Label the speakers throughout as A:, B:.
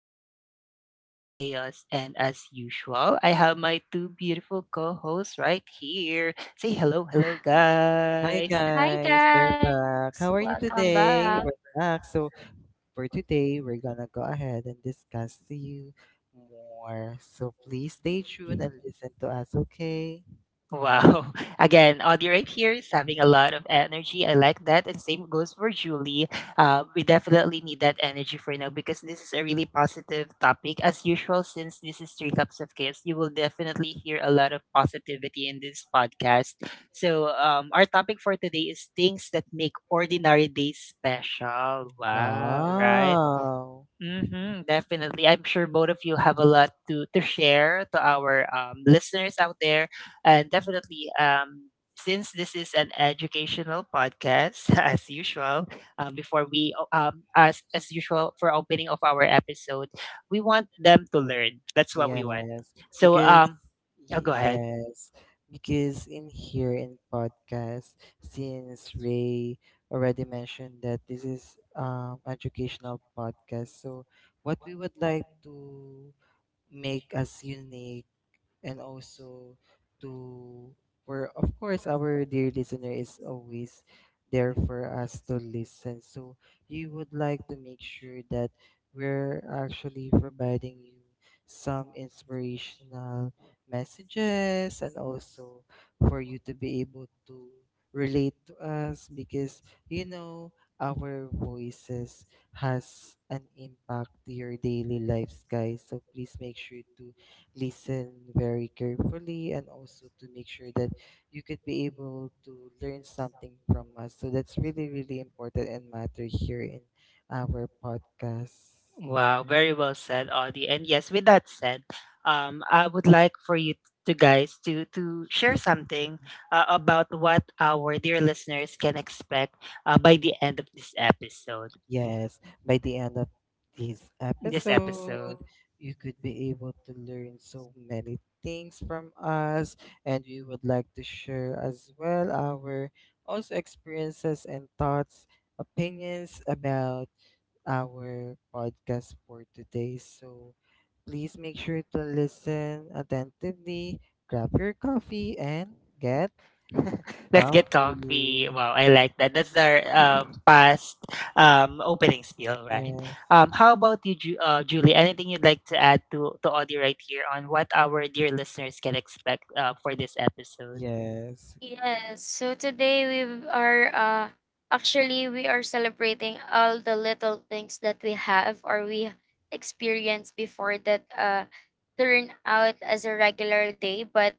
A: again, this is Three Cups of Chaos, and as usual, I have my two beautiful co hosts right here. Say hello, hello,
B: Hi
A: guys.
C: Hi
B: guys, we're
C: guys,
B: back. How
A: How
B: are
A: are
B: you
C: welcome
A: you
C: back.
B: today?
A: today?
B: We're back.
A: ¿Verdad? So,
B: So for
A: for
B: today,
A: today,
B: we're
A: we're
B: gonna
A: going
B: go
A: to
B: ahead and discuss
A: discuss.
B: to you more.
A: So,
B: So please
A: please
B: stay
A: stay
B: tuned
A: tuned
B: and
A: and
B: listen
A: listen
B: to
A: to
B: us,
A: everything.
B: okay?
A: Wow. Again, Audie right here is having a lot of energy. I like that. And same goes for Julie. We definitely need that energy for now because this is a really positive topic. As usual, since this is Three Cups of Chaos, you will definitely hear a lot of positivity in this podcast. So, our topic for today is things that make ordinary days special. Wow, right?
B: Wow.
A: Mm-hmm, definitely. I'm sure both of you have a lot to share to our listeners out there. And definitely, since this is an educational podcast, as usual, before we, o- as usual, for opening of our episode, we want them to learn. That's what we want.
B: Yes,
A: So,
B: because
A: um, I'll go
B: y-
A: ahead.
B: yes, because in here in podcast, since Ray already mentioned that this is educational podcast, so what we would like to make us unique and also to where of course our dear listener is always there for us to listen, so you would like to make sure that we're actually providing you some inspirational messages and also for you to be able to relate to us because you know our voices has an impact to your daily lives, guys, so please make sure to listen very carefully and also to make sure that you could be able to learn something from us. So that's really, really important and matter here in our podcast.
A: Wow, very well said, Audie. And yes, with that said, I would like for you to guys to share something
B: Mhm.
A: about what our dear listeners can expect by the end of this episode.
B: Yes, by the end of this
A: This episode.
B: episode, you could be able to learn so many things from us, and we would like to share as well our also experiences and thoughts, opinions about our podcast for today. So please make sure to listen attentively, grab your coffee, and get
A: Let's get coffee.
B: comfy.
A: Wow, I like that. That's our past opening spiel, right?
B: Yes,
A: How about you, Julie? Anything you'd like to add to Audie right here on what our dear listeners can expect for this episode?
B: yes,
C: Yes, so today we are actually we are celebrating all the little things that we have or we experienced before that turn out as a regular day, but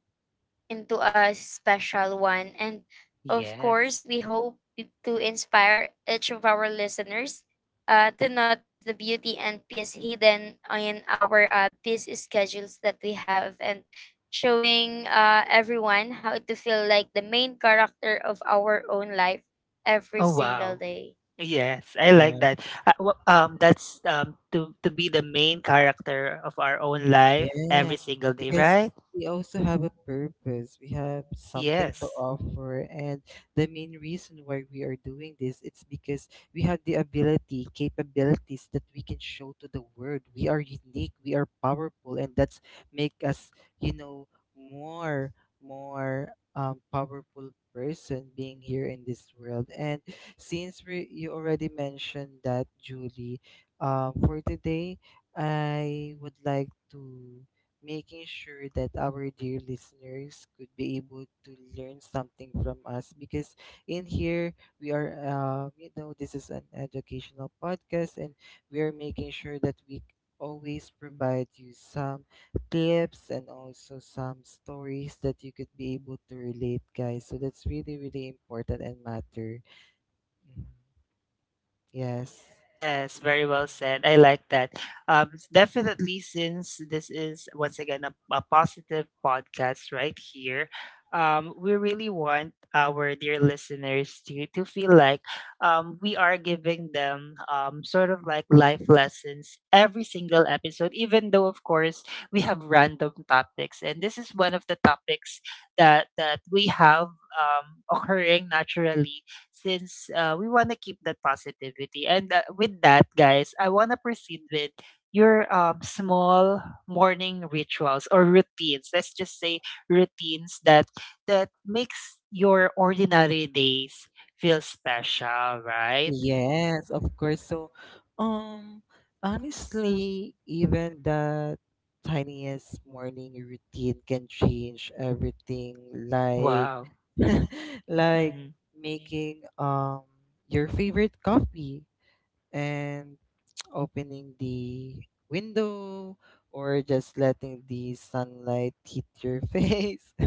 C: into a special one. And of
A: Yes.
C: course, we hope to inspire each of our listeners to notice the beauty and peace hidden in our busy schedules that we have and showing everyone how to feel like the main character of our own life every
A: Oh
C: single
A: wow.
C: day.
A: Yes, I like
B: yes.
A: that. That's to be the main character of our own life every
B: Yes,
A: single day,
B: because
A: right?
B: we also have a purpose. We have something to
A: Yes.
B: offer, and the main reason why we are doing this, it's because we have the ability, capabilities that we can show to the world. We are unique, we are powerful, and that's make us, you know, more, more powerful person being here in this world. And since we, you already mentioned that, Julie, for today. I would like to making sure that our dear listeners could be able to learn something from us because in here we are you know, this is an educational podcast, and we are making sure that we always provide you some tips and also some stories that you could be able to relate, guys, so that's really, really important and matter. Mhm. Yes.
A: Yes, very well said. I like that. Definitely, since this is once again a positive podcast right here, we really want our dear listeners to feel like we are giving them sort of like life lessons every single episode. Even though, of course, we have random topics, and this is one of the topics that we have occurring naturally since we want to keep that positivity. And with that, guys, I want to proceed with your small morning rituals or routines. Let's just say routines that makes your ordinary days feel special, right?
B: Yes, of course. So, um, honestly, even the tiniest morning routine can change everything. Like,
A: Wow.
B: like
A: Mhm.
B: making your favorite coffee and opening the window or just letting the sunlight hit your face.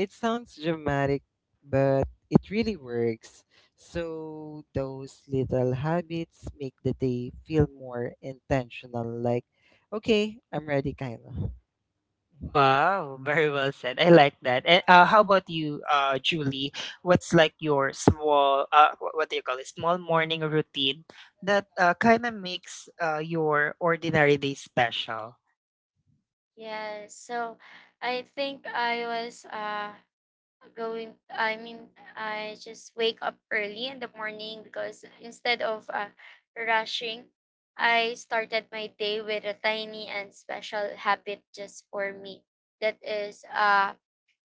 B: It sounds dramatic, but it really works. So those little habits make the day feel more intentional, like, okay, I'm ready, kind of.
A: Wow, very well said. I like that. And how about you, Julie? What's like your what do you call it? Small morning routine that kind of makes your ordinary day special.
C: Yes, so I think I was. Going I mean I just wake up early in the morning because instead of rushing I started my day with a tiny and special habit just for me that is uh,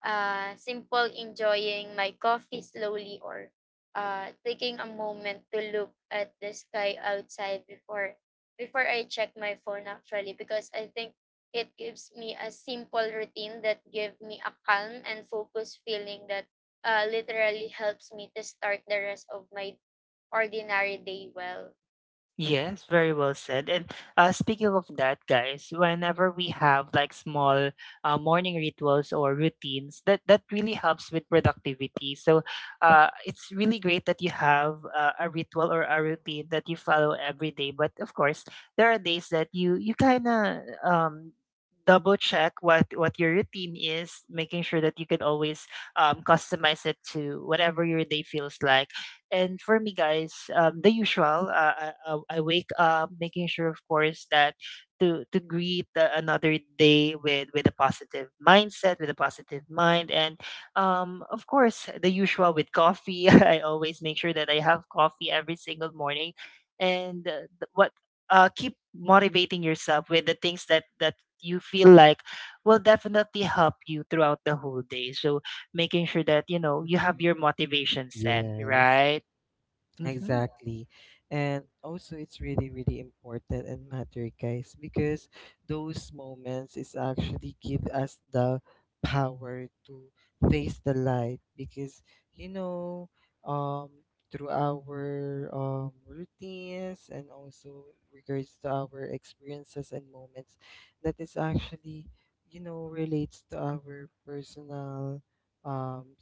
C: uh, simple, enjoying my coffee slowly or taking a moment to look at the sky outside before I check my phone, actually, because I think it gives me a simple routine that give me a calm and focused feeling that literally helps me to start the rest of my ordinary day well.
A: Yes, very well said. And speaking of that, guys, whenever we have like small morning rituals or routines, that really helps with productivity. So, it's really great that you have a ritual or a routine that you follow every day. But of course, there are days that you kind of double check what your routine is, making sure that you can always customize it to whatever your day feels like. And for me, guys, the usual. I wake up, making sure, of course, that to greet the, another day with a positive mindset, with a positive mind, and of course, the usual with coffee. I always make sure that I have coffee every single morning, and th- what keep motivating yourself with the things that you feel like will definitely help you throughout the whole day. So making sure that you know you have your motivation set
B: Yes.
A: right. Mhm.
B: Exactly. And also it's really, really important and matter, guys, because those moments is actually give us the power to face the light because you know, um through our routines and also regards to our experiences and moments that is actually, you know, relates to our personal um.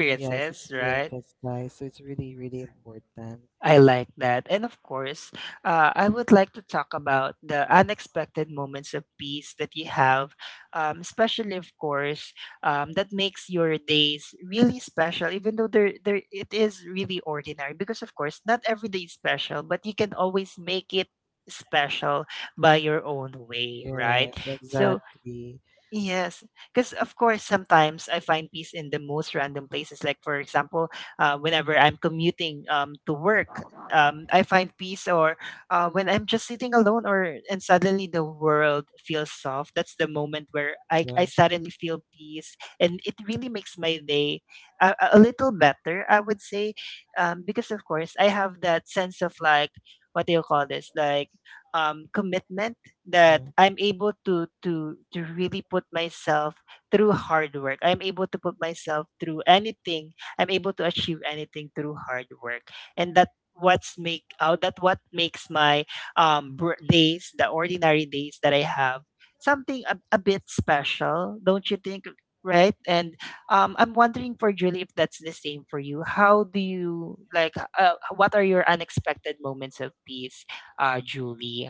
B: Mm, yes, it's
A: right?
B: re-emphasized. So it's really, really important.
A: I like that. And of course, I would like to talk about the unexpected moments of peace that you have, especially, of course, that makes your days really special, even though it is really ordinary. Because, of course, not every day is special, but you can always make it special by your own way, right?
B: Yes,
A: So,
B: exactly.
A: yes, because of course sometimes I find peace in the most random places. Like for example, whenever I'm commuting to work, I find peace. Or when I'm just sitting alone, or and suddenly the world feels soft. That's the moment where I
B: Yeah,
A: suddenly feel peace, and it really makes my day a little better. I would say, because of course I have that sense of like what do you call this like commitment that
B: yeah,
A: I'm able to really put myself through hard work. I'm able to put myself through anything. I'm able to achieve anything through hard work, and that what makes my days, the ordinary days that I have, something a bit special, don't you think? Right, and I'm wondering for Julie if that's the same for you. How do you like? What are your unexpected moments of peace? Julie.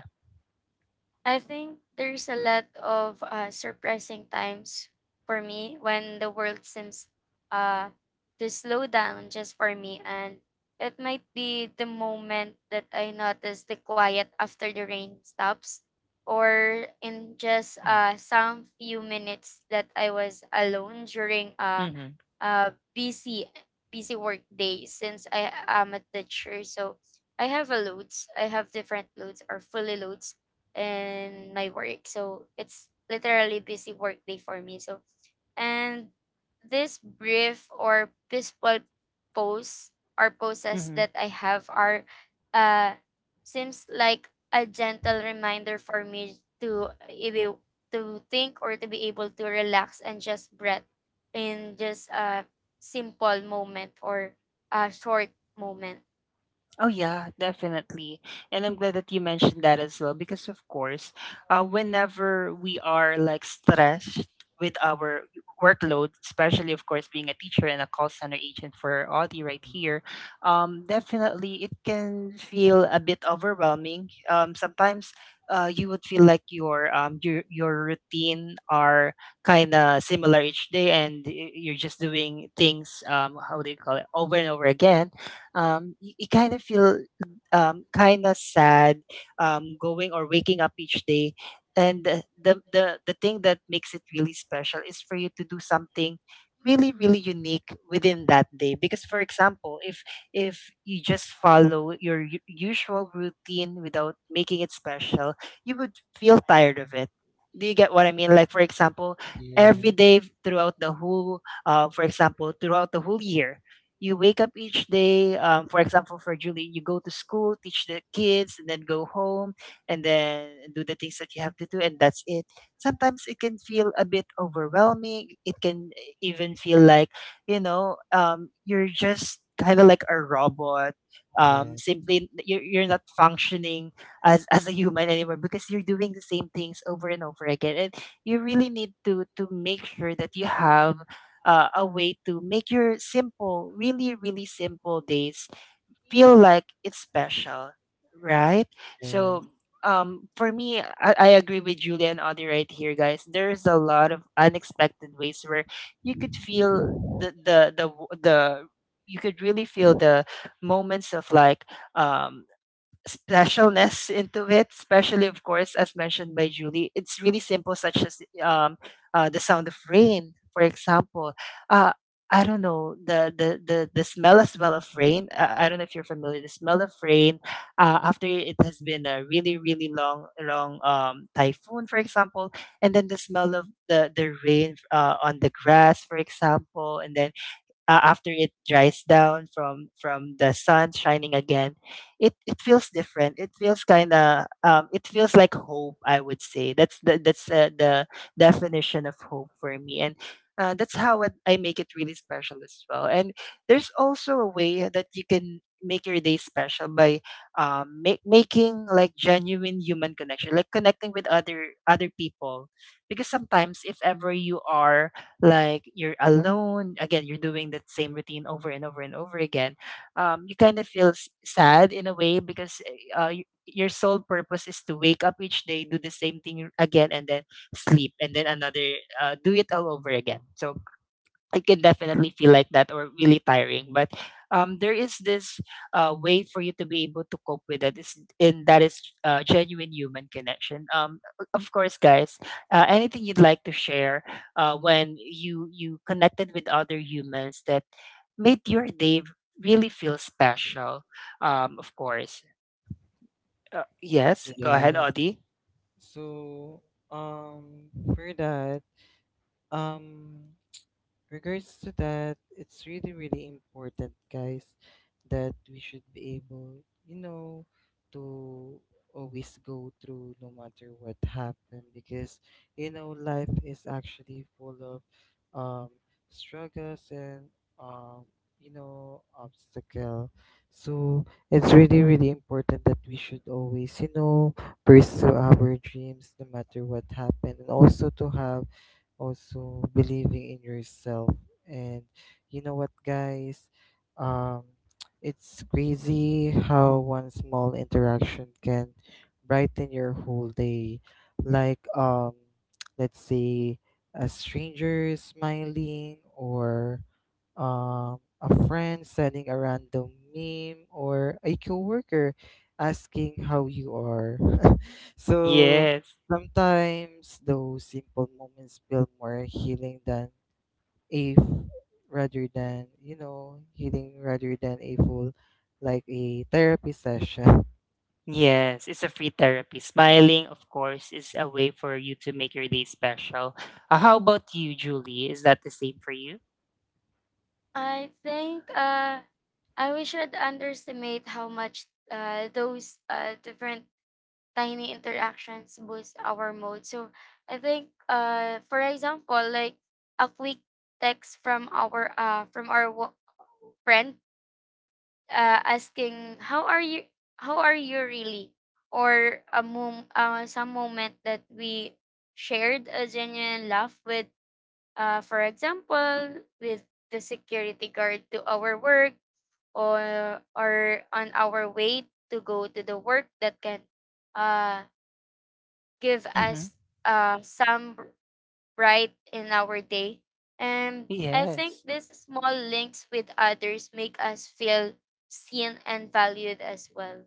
C: I think there's a lot of surprising times for me when the world seems uh, to slow down just for me. And it might be the moment that I notice the quiet after the rain stops, or in just
A: Mm.
C: some few minutes that I was alone during
A: Mhm.
C: uh, busy busy work day since I am a teacher. So I have a loads. I have different loads or fully loads in my work. So it's literally busy work day for me. So and this brief or peaceful pose or poses that I have are uh seems like a gentle reminder for me to able to think or to be able to relax and just breath in just a simple moment or a short moment.
A: Oh yeah, definitely. And I'm glad that you mentioned that as well because of course, whenever we are like stressed with our workload, especially of course being a teacher and a call center agent for Audi right
B: mhm.
A: here, definitely it can feel a bit overwhelming. Sometimes you would feel like your routine are kind of similar each day and you're just doing things how do you call it over and over again. You kind of feel kind of sad, going or waking up each day. And the thing that makes it really special is for you to do something really, really unique within that day. Because, for example, if you just follow your usual routine without making it special, you would feel tired of it. Do you get what I mean? Like, for example,
B: Yeah,
A: every day throughout the whole, for example, throughout the whole year, you wake up each day, for example for Julie, you go to school, teach the kids and then go home and then do the things that you have to do, and that's it. Sometimes it can feel a bit overwhelming. It can even feel like, you know, you're just kind of like a robot,
B: yeah,
A: simply you're not functioning as a human anymore because you're doing the same things over and over again, and you really need to make sure that you have a way to make your simple, really, really simple days feel like it's special, right?
B: yeah,
A: So, for me, I agree with Julia and Audie right here, guys. There's a lot of unexpected ways where you could feel the you could really feel the moments of like um specialness into it, especially, of course, as mentioned by Julie. It's really simple, such as the sound of rain, for example. Uh, I don't know the, the smell as well of rain. I don't know if you're familiar. The smell of rain after it has been a really really long long typhoon, for example, and then the smell of the rain on the grass, for example, and then after it dries down from the sun shining again, it feels different. It feels kind of, it feels like hope, I would say. That's the, that's the definition of hope for me. And I make it really special as well. And there's also a way that you can make your day special by making like genuine human connection, like connecting with other people. Because sometimes if ever you are like you're alone again, you're doing that same routine over and over and over again, you kind of feel sad in a way because your sole purpose is to wake up each day, do the same thing again and then sleep, and then another, do it all over again. So it can definitely feel like that, or really tiring. But there is this way for you to be able to cope with it, is, and that is genuine human connection. Of course, guys, anything you'd like to share when you connected with other humans that made your day really feel special? Of course, yes. Go ahead,
B: yes.
A: Audie.
B: So, for that, um, regards to that, it's really, really important, guys, that we should be able, you know, to always go through no matter what happened because, you know, life is actually full of um, struggles and, um, you know, obstacle. So it's really, really important that we should always, you know, pursue our dreams no matter what happened and also to have also believing in yourself. And you know what, guys? um it's crazy how one small interaction can brighten your whole day, like let's say a stranger smiling, or a friend sending a random meme, or a coworker asking how you are. So
A: Yes.
B: sometimes those simple moments feel more healing than a f- rather than you know, healing rather than a full like a therapy session.
A: Yes, it's a free therapy. Smiling, of course, is a way for you to make your day special. How about you, Julie? Is that the same for you?
C: I think uh, I wish I'd underestimate how much those different tiny interactions boost our mood. So I think for example, like a quick text from our friend asking how are you really, or a some moment that we shared a genuine laugh with, for example, with the security guard to our work or on our way to go to the work, that can uh give
A: Mm-hmm.
C: us some bright in our day. And I think
A: Yes.
C: these small links with others make us feel seen and valued as well.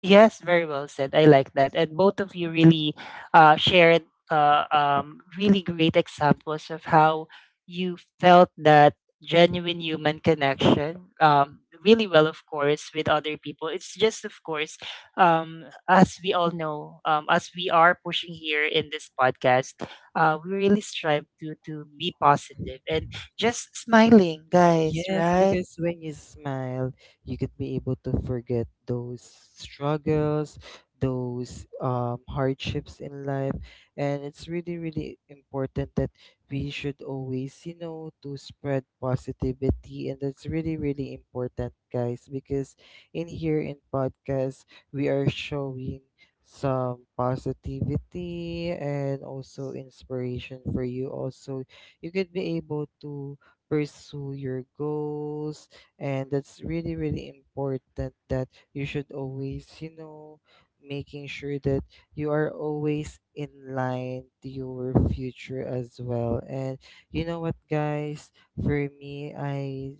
A: Yes, very well said. I like that. And both of you really shared really great examples of how you felt that genuine human connection, really well, of course, with other people. It's just, of course, as we all know, as we are pushing here in this podcast, we really strive to be positive and just smiling, guys,
B: Yes,
A: right?
B: because when you smile, you could be able to forget those struggles, those hardships in life. And it's really, really important that we should always, you know, to spread positivity. And that's really, really important, guys, because in here in podcast, we are showing some positivity and also inspiration for you. Also you could be able to pursue your goals, and that's really, really important that you should always, you know, making sure that you are always in line to your future as well. And you know what, guys, for me, I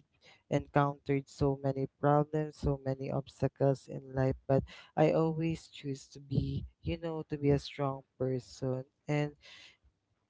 B: encountered so many problems, so many obstacles in life, but I always choose to be, you know, to be a strong person. And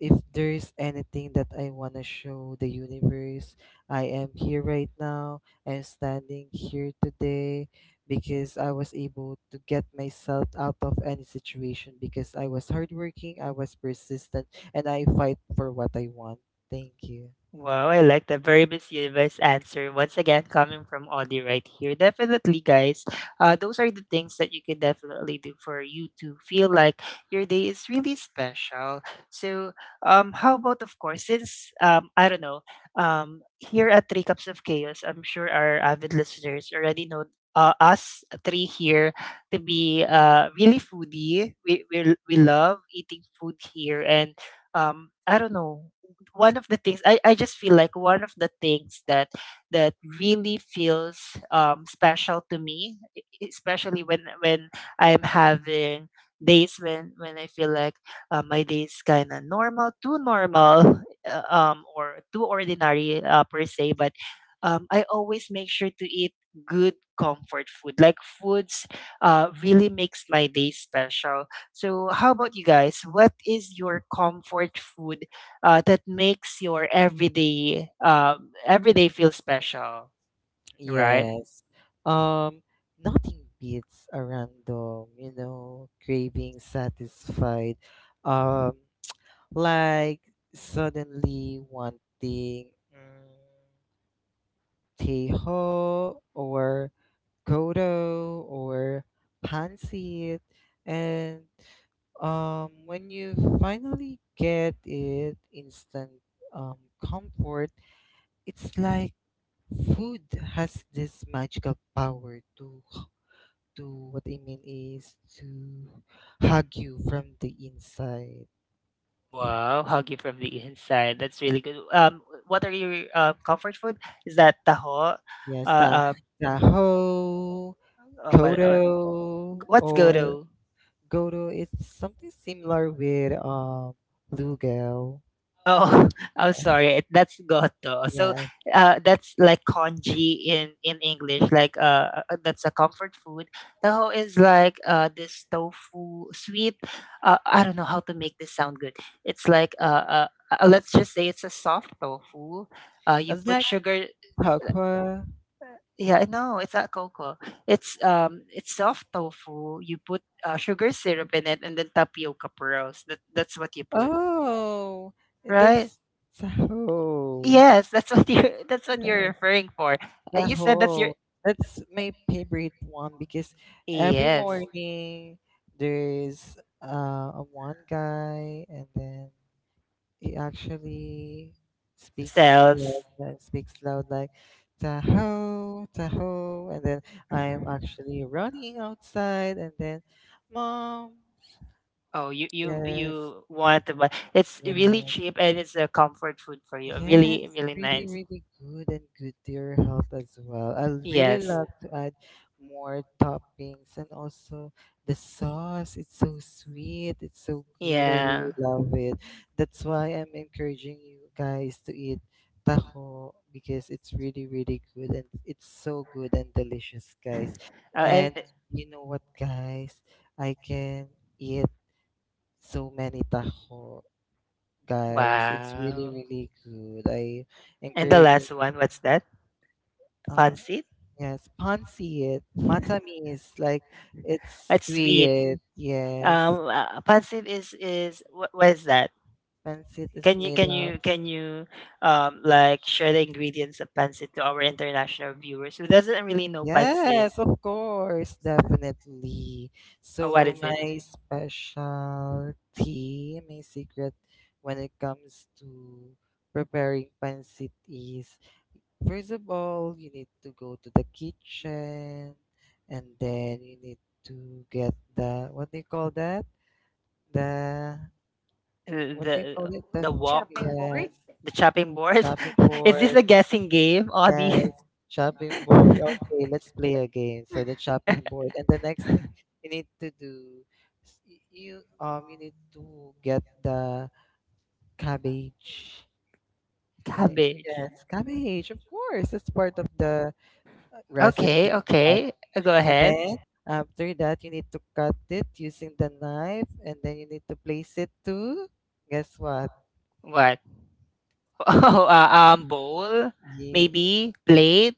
B: if there's anything that I want to show the universe, I am here right now. I'm standing here today because I was able to get myself out of any situation because I was hardworking, I was persistent, and I fight for what I want. Thank you.
A: Wow, I like that. Very mischievous answer. Once again, coming from Audie right here. Definitely, guys. Those are the things that you can definitely do for you to feel like your day is really special. So, how about, of course, since, I don't know, here at Three Cups of Chaos, I'm sure our avid listeners already know us three here to be really foodie. We love eating food here. And I don't know one of the things I just feel like one of the things that really feels special to me, especially when I'm having days when I feel like my days kind of normal, too normal, or too ordinary per se. But I always make sure to eat good comfort food, like foods really makes my day special. So, how about you guys? What is your comfort food that makes your everyday everyday feel special, right?
B: Yes. Um, nothing beats a random, you know, craving satisfied. Um, like suddenly wanting Teho or Kodo or Pansit. And when you finally get it, instant um, comfort, it's like food has this magical power to what I mean is to hug you from the inside.
A: Wow, huggy from the inside. That's really good. What are your comfort food? Is that taho? Uh,
B: Yes, the
A: uh,
B: the
A: what?
B: Kodo
A: What's
B: or
A: goto?
B: Godo is something similar with Lugo.
A: Oh, I'm sorry. That's goto. So,
B: Yeah,
A: that's like congee in English. Like, that's a comfort food. Taho is like this tofu sweet. I don't know how to make this sound good. It's like let's just say it's a soft tofu. You
B: that's
A: put
B: like
A: sugar.
B: Pakwa.
A: Yeah, no, it's not cocoa. It's soft tofu. You put sugar syrup in it, and then tapioca pearls. That's what you put,
B: Oh,
A: right?
B: that's Tahoe.
A: Yes, that's what you that's what you're
B: Yes,
A: referring for. You said that's your
B: Tahoe. That's my favorite one because every
A: yes
B: morning there's uh, a one guy, and then he actually speaks, yes,
A: sales.
B: speaks loud like Tahoe, Tahoe, and then I'm actually running outside, and then Mom,
A: Oh, you you
B: yes,
A: you want to buy? It's really
B: yes,
A: cheap and it's a comfort food for you.
B: yes,
A: Really,
B: it's
A: really
B: really,
A: nice.
B: really good and good to your health as well. I really
A: Yes.
B: love to add more toppings and also the sauce. It's so sweet. It's so good. I really
A: Yeah.
B: love it. That's why I'm encouraging you guys to eat taho because it's really, really good, and it's so good and delicious, guys.
A: And
B: And you know what, guys? I can eat so many taho, guys. It's really,
A: wow.
B: really good. I
A: And the
B: encourage it.
A: last one, what's that?
B: Uh,
A: Pancit?
B: yes, pancit. Matami is like it's
A: It's sweet.
B: sweet. Yes,
A: Pancit is what is that?
B: pancit is
A: Can you
B: made
A: can
B: of.
A: you can you like share the ingredients of pancit to our international viewers who doesn't really know pancit?
B: Yes, of course, definitely.
A: Or what
B: So
A: is it?
B: my specialty, my secret when it comes to preparing pancit is, first of all, you need to go to the kitchen, and then you need to get the what do you call that? The
A: Uh,
B: what do you
A: The
B: call it? The
A: the wok,
C: Chopping
B: yes,
C: board.
A: the chopping board.
B: chopping
A: Is this
B: board.
A: a guessing game, Audie?
B: Yes, chopping board. Okay, let's play a game. So the chopping board. And the next thing you need to do is you you need to get the cabbage. Yeah,
A: Cabbage.
B: yes, cabbage, of course. That's part of the
A: Okay,
B: recipe, cabbage.
A: okay. Go
B: And
A: ahead.
B: then after that, you need to cut it using the knife, and then you need to place it to, guess what?
A: What? Oh, bowl,
B: Yeah,
A: maybe plate.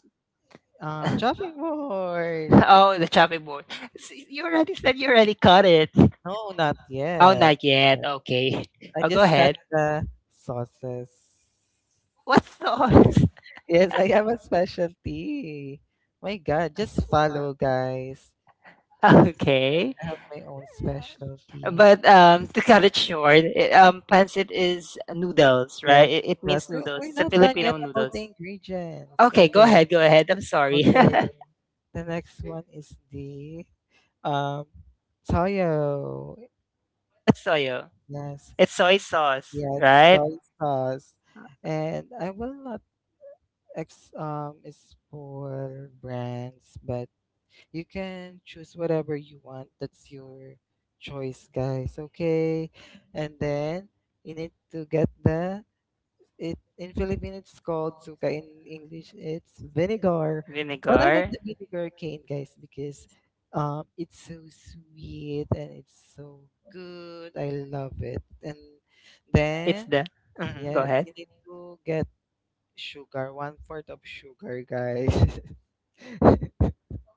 B: chopping board.
A: Oh, the chopping board. You already said you already cut it.
B: No, not
A: Oh,
B: yet.
A: not yet.
B: Yes,
A: Okay.
B: I
A: Oh, go
B: just cut
A: ahead.
B: the sauces.
A: What sauce?
B: Yes, I have a specialty. My God, just follow, guys.
A: Okay.
B: I have my own specialty.
A: But to cut it short, I pancit is noodles, right?
B: Yes,
A: It,
B: it
A: it
B: does.
A: means
B: We-
A: noodles.
B: we're
A: It's a
B: not done
A: Filipino
B: yet about the
A: noodles.
B: ingredients.
A: Okay, go
B: Okay.
A: ahead. Go ahead. I'm sorry.
B: Okay, the next one is the um Toyo.
A: What's soyo?
B: Yes,
A: It's soy sauce,
B: yes,
A: right?
B: soy sauce. And I will not ex is for brands, but you can choose whatever you want. That's your choice, guys. Okay. And then you need to get the, it in Philippine it's called zuka. In English, it's vinegar. But I like the vinegar cane, guys, because it's so sweet and it's so good. I love it. And
A: It's
B: then
A: the. Mhm, go
B: yes,
A: ahead.
B: you need to get sugar, one fourth of sugar, guys.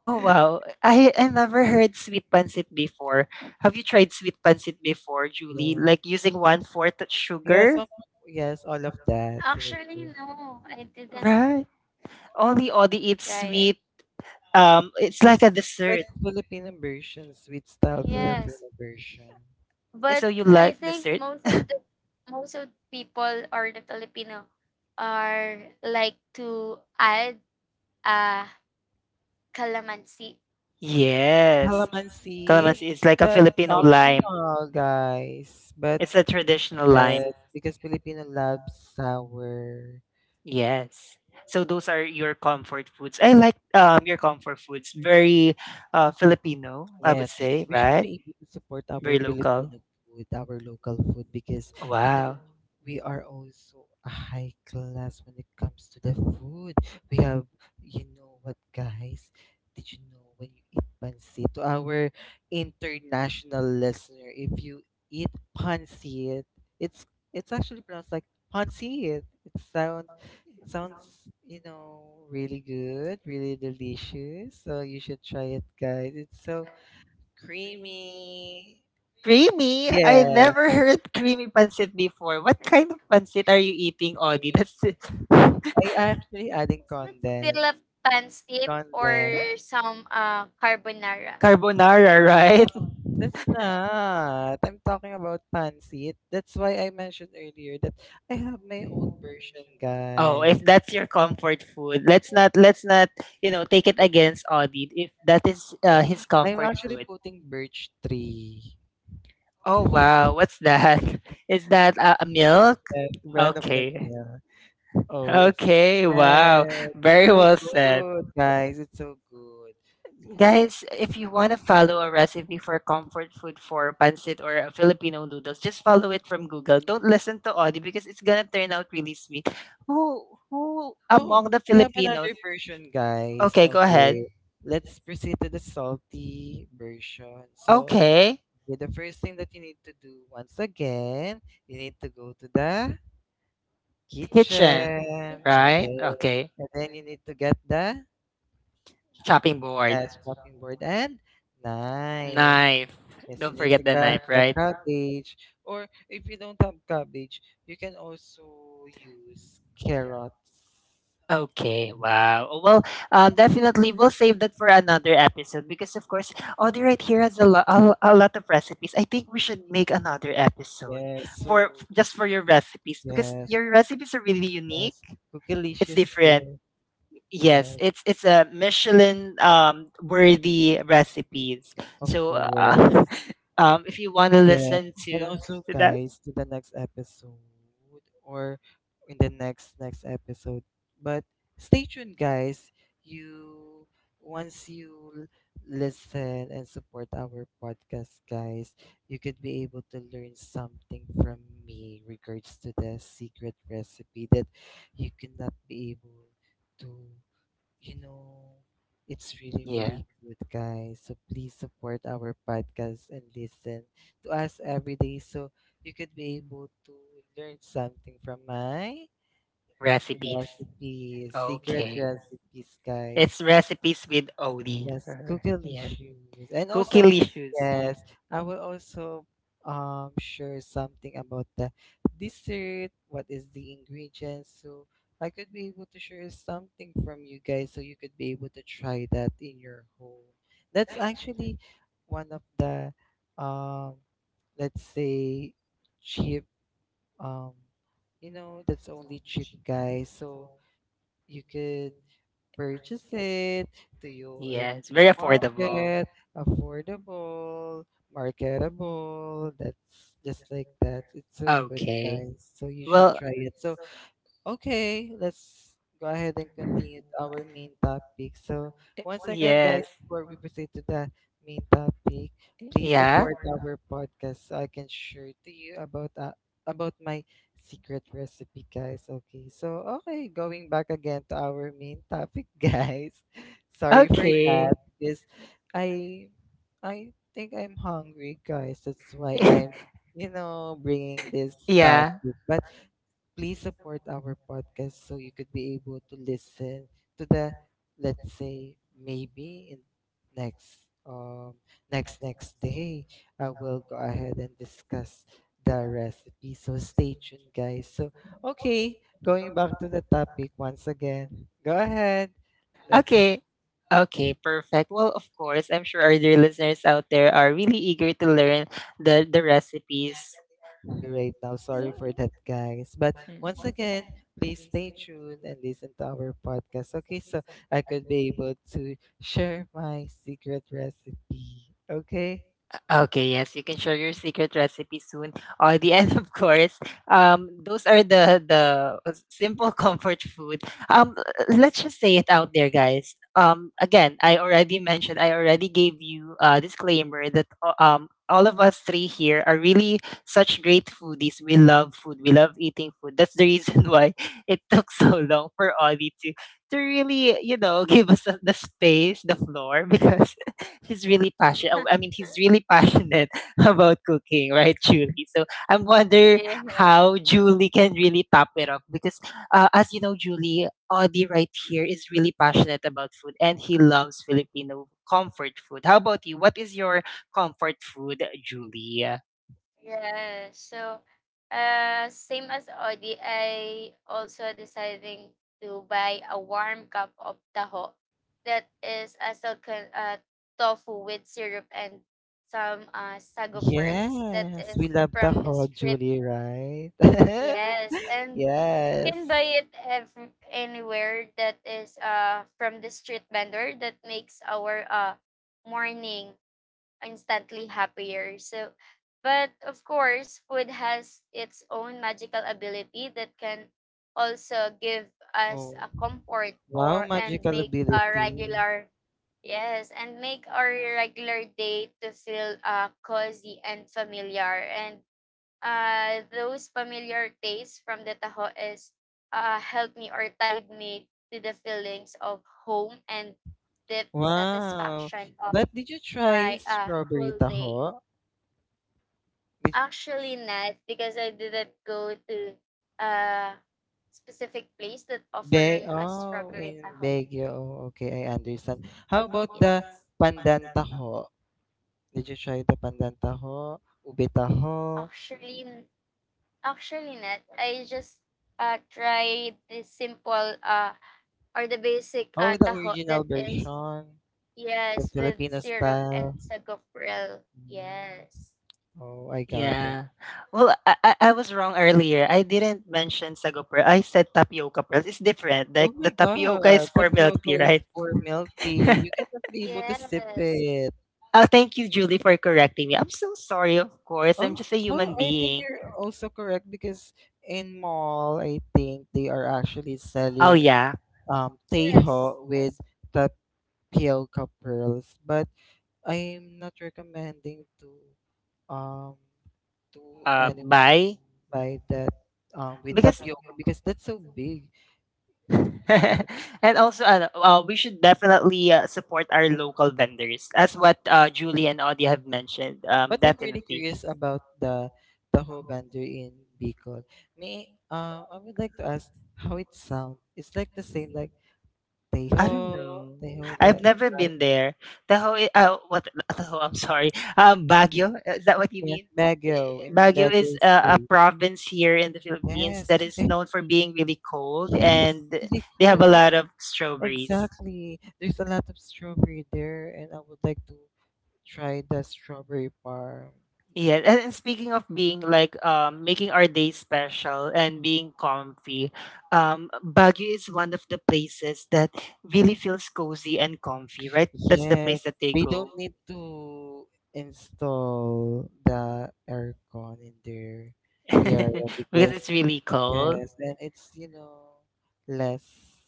A: Oh wow, I never heard sweet pancit before. Have you tried sweet pancit before, Julie?
B: yes,
A: Like using one fourth
B: yes,
A: sugar,
B: yes, all of that you need
C: Actually,
B: to.
C: no, I didn't
A: right? Only Odie eats
C: try it.
A: sweet. It's like
B: Yes,
A: a
B: like
A: dessert.
B: Filipino version, sweet style
A: No,
C: Yes,
B: Filipino version.
C: but
A: so you
C: I
A: like
C: think
A: dessert?
C: most of people or the Filipino are like to add uh, calamansi.
A: Yes,
B: Calamansi,
A: calamansi is like a
B: that's
A: Filipino lime.
B: optional, guys. But
A: It's a traditional lime.
C: Yes.
B: yes, because Filipino loves sour.
A: Yes. So those are your comfort foods. I like your comfort foods. Very Filipino, I would
B: Yes,
A: say,
B: we should
A: right?
B: be able to support our
A: Very local.
B: Filipino food, our local food, because you know
A: Wow.
B: we are also a high class when it comes to the food. We have, you know what, guys? Did you know when you eat pancit? To our international listener, if you eat pancit, it's it's actually pronounced like pancit. It sounds you know really good, really delicious. So you should try it, guys. It's so creamy.
A: Creamy. I
B: Yeah.
A: never heard creamy pancit before. What kind of pancit are you eating, Audie?
B: Creamy.
A: That's
B: I actually adding
C: That's
B: condensed.
C: Philip pancit
B: Condensed.
C: or some carbonara.
A: carbonara, right?
B: That's not. I'm talking about pancit. That's why I mentioned earlier that I have my own version,
A: Oh,
B: guys.
A: if that's your comfort food, let's not
B: Yes,
A: let's not, take it against Audie if that is
B: yes.
A: his
B: I'm
A: comfort
B: actually
A: food.
B: putting birch tree.
A: Oh wow, what's that? Is that a milk?
B: Yes, brand of the
A: Okay.
B: meal. Oh, it's
A: Okay, wow.
B: yes, it's
A: Very
B: so
A: well said.
B: good, guys. It's so good.
A: Guys, if you want to follow a recipe for comfort food for pancit or Filipino noodles, just follow it from Google. Don't listen to Audi because it's going to turn out really sweet. Who who
B: Oh,
A: among the
B: we have
A: Filipinos?
B: another version, guys.
A: Okay, go ahead.
B: Okay, let's proceed to the salty version. So,
A: Okay,
B: yeah, the first thing that you need to do, once again, you need to go to the
A: the kitchen,
B: kitchen.
C: Which
A: right?
C: one?
B: Okay,
A: Okay.
B: and then you need to get the,
A: Chopping board.
B: yes, chopping board and
A: Nice.
B: knife.
A: Knife.
B: Yes, you
A: Don't
B: need to
A: forget the
B: cut
A: knife,
B: the
A: right?
B: cabbage, or if you don't have cabbage, you can also use carrots.
A: Okay, wow. Oh, well, definitely we'll save that for another episode because, of course, Audrey right here has a lot of recipes. I think we should make another episode
B: Yes,
A: for
B: so
A: just for your recipes because
B: yes.
A: your recipes are really unique.
B: Yes,
A: It's
B: Cookylicious
A: different.
B: here.
A: Yes,
B: Yes,
A: it's a Michelin worthy recipes.
B: of
A: So,
B: course.
A: if you want to
B: Yes,
A: listen
B: and
A: to
B: also,
A: to that
B: guys, to the next episode or in the next next episode. But stay tuned, guys. You once you l- listen and support our podcast, guys, you could be able to learn something from me regards to the secret recipe that you cannot be able to, you know, it's really,
A: yeah,
B: really good, guys. So please support our podcast and listen to us every day so you could be able to learn something from my
A: recipes.
B: recipes, secret
A: Okay.
B: recipes, guys.
A: It's recipes with OD.
B: Yes, googly
A: Yes.
B: shoes. And also,
A: Cookie licious.
B: yes, I will also share something about the dessert. What is the ingredients? So I could be able to share something from you guys so you could be able to try that in your home. That's actually one of the um let's say cheap um that's only cheap, guys. So you could purchase it to your
A: Yes, very affordable.
B: market, affordable, marketable. That's just like that. It's so good,
A: Okay.
B: guys. So you should
A: Well,
B: try it. So okay, let's go ahead and continue to our main topic. So, once again, guys,
A: yes.
B: before we proceed to the main topic, please
A: Yeah.
B: support our podcast so I can share to you about my secret recipe, guys. Okay, so okay, going back again to our main topic, guys. Sorry for that
A: Okay.
B: because I I think I'm hungry, guys. That's why I'm bringing this
A: Yeah.
B: topic, but please support our podcast so you could be able to listen to the, let's say, maybe in next next next day I will go ahead and discuss the recipe. So stay tuned, guys. So okay, going back to the topic once again. Go ahead. That's it.
A: Okay. Okay, perfect. Well, of course, I'm sure our dear listeners out there are really eager to learn the recipes.
B: Agree right now. Sorry for that, guys. But once again, please stay tuned and listen to our podcast. Okay, so I could be able to share my secret recipe. Okay.
A: Okay, yes, you can share your secret recipe soon. Or the end, of course. Those are the simple comfort food. Let's just say it out there, guys. Again, I already mentioned, I already gave you a disclaimer that all of us three here are really such great foodies. We love food. We love eating food. That's the reason why it took so long for Ollie to really, give us the space, the floor, because he's really passionate. I mean, he's really passionate about cooking, right, Julie? So I'm wonder
C: Yes.
A: how Julie can really top it off because, as you know, Julie, Audie right here is really passionate about food and he loves Filipino comfort food. How about you? What is your comfort food, Julie?
C: Yeah. So, same as Audi, I also deciding to buy a warm cup of taho. That is a silken tofu with syrup and some sago pearls. That
B: Yes, we
C: is
B: love the
C: from the
B: hot
C: street.
B: Julie, right?
C: Yes, and you
B: Yes.
C: can buy it anywhere, that is from the street vendor that makes our morning instantly happier. So, but of course, food has its own magical ability that can also give us
B: Oh,
C: a comfort
B: wow,
C: or and
B: magical
C: make a
B: ability.
C: regular, yes, and make our regular day to feel cozy and familiar. And those familiar tastes from the taho is, helped me or tied me to the feelings of home and deep
B: Wow.
C: satisfaction of
B: But did you try
C: my
B: strawberry
C: whole day.
B: taho?
C: Actually, not because I didn't go to a specific place that
B: Be
C: offering a
B: oh,
C: strawberry
B: in
C: taho.
B: Baguio. Oh, okay, I understand. How about the
C: Yes,
B: pandan taho? Did you try the pandan taho? Ube taho?
C: actually, n- actually not. I just tried the simple or the basic
B: Oh, the
C: taho, that
B: original version.
C: is.
B: The
C: Yes, with
B: Filipino
C: syrup and
B: style.
C: sagoprel.
B: Mm.
C: Yes.
B: Oh, I got it.
A: Yeah. Well, I was wrong earlier. I didn't mention sago pearl. I said tapioca pearls. It's different.
B: Oh
A: Like
B: my
A: the tapioca is
B: God.
A: for milk
B: Tapioca
A: tea,
B: is
A: right?
B: for milky. You cannot be able to sip
C: Yes.
B: it.
A: Oh, thank you, Julie, for correcting me. I'm so sorry, of course. I'm
B: Oh,
A: just a
B: oh,
A: human
B: I think
A: being.
B: you're also correct because in mall, I think they are actually
A: Oh,
B: selling
A: yeah.
C: Yes.
B: teho with
C: Yes.
B: Kyoka pearls, but I'm not recommending um to anyone to
A: Bye.
B: buy that with
A: Because
B: tapioca because that's so big. Uh,
A: and also, ano, we should definitely support our local vendors, as what Julie and Audie have mentioned.
B: but I'm really
A: Definitely.
B: curious about the taho vendor in Bicol. Me, I would like to ask how it sounds. It's like the same like
A: I don't
B: teho,
A: know.
B: teho,
A: I've
B: that
A: never
B: right?
A: been there. Tahoe, what? Tahoe, I'm sorry. Baguio. Is that what you
B: Yes,
A: mean? Eh,
B: Baguio in
A: Baguio is
B: Baguio
A: a
B: City.
A: province here in the Philippines
B: Yes,
A: that is
B: eh,
A: known for being really cold,
B: yes,
A: and
B: really
A: they have a
B: cool.
A: lot of strawberries.
B: Exactly. There's a lot of strawberry there, and I would like to try the strawberry farm.
A: Yeah, and speaking of being like making our day special and being comfy, Baguio is one of the places that really feels cozy and comfy, right? That's the
B: Yes,
A: place that they
B: they
A: go
B: don't need to install the aircon in their area
A: because
B: because
A: it's really cold.
B: yes, and it's you know less,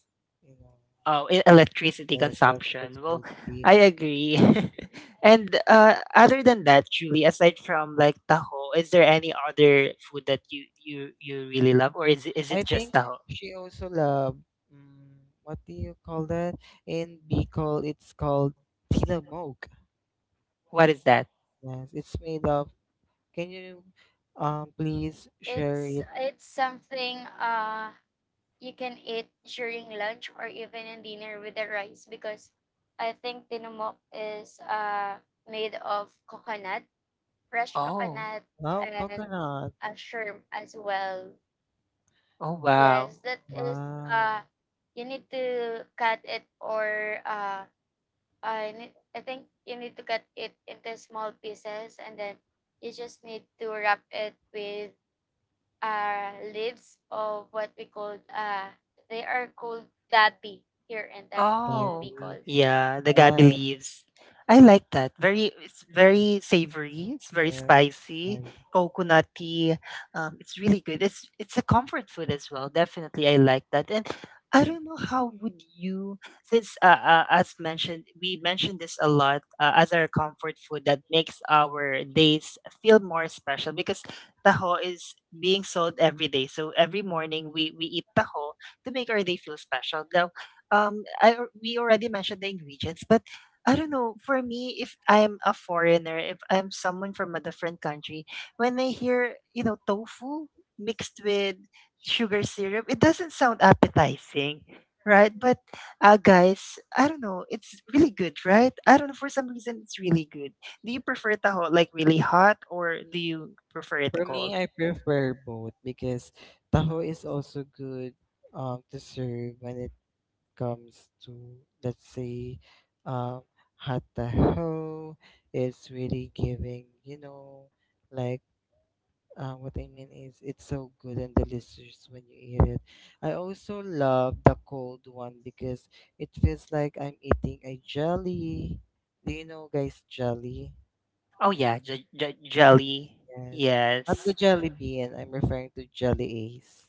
B: you know,
A: Oh, electricity
B: less
A: consumption. Well,
B: electricity.
A: I agree. And other than that, Julie, aside from like taho, is there any other food that you really love, or is it
B: I
A: just
B: think
A: taho?
B: she also love what do you call that in Bicol? It's called tinamog.
A: What is that?
B: Yes, it's made of Can you please share
C: It's
B: it?
C: it's something, you can eat during lunch or even in dinner with the rice because I think tinamok is made of coconut, fresh
A: Oh,
C: coconut
B: Wow,
C: and
B: coconut.
C: a shrimp as well.
A: oh wow.
C: Yes, that is, uh
B: Wow.
C: you need to cut it, or I think you need to cut it into small pieces, and then you just need to wrap it with leaves of what we call, they are called gabi here in
A: Oh.
B: Tabi,
C: Bicol.
A: Yeah, the gabi
B: right?
A: leaves. I like that. Very, it's very savory. It's very
B: Yes.
A: spicy,
B: Yes.
A: coconutty. It's really good. It's a comfort food as well. Definitely, I like that. And I don't know how would you, since as mentioned, we mentioned this a lot as our comfort food that makes our days feel more special because taho is being sold every day. So every morning we eat taho to make our day feel special. Now we already mentioned the ingredients, but I don't know, for me, if I'm a foreigner, if I'm someone from a different country, when I hear, tofu mixed with sugar syrup, it doesn't sound appetizing, right? But guys, I don't know, it's really good, right? I don't know, for some reason it's really good. Do you prefer it taho like really hot or do you prefer it
B: For
A: cold?
B: me, I prefer both because taho is also good to serve when it comes to, let's say, um hot taho. It's really giving, you know, like uh, what I mean is, it's so good and delicious when you eat it. I also love the cold one because it feels like I'm eating a jelly. Do you know, guys, jelly?
A: Oh yeah, jelly.
B: Yes. Not the
A: Yes.
B: jelly bean. I'm referring to jelly ace.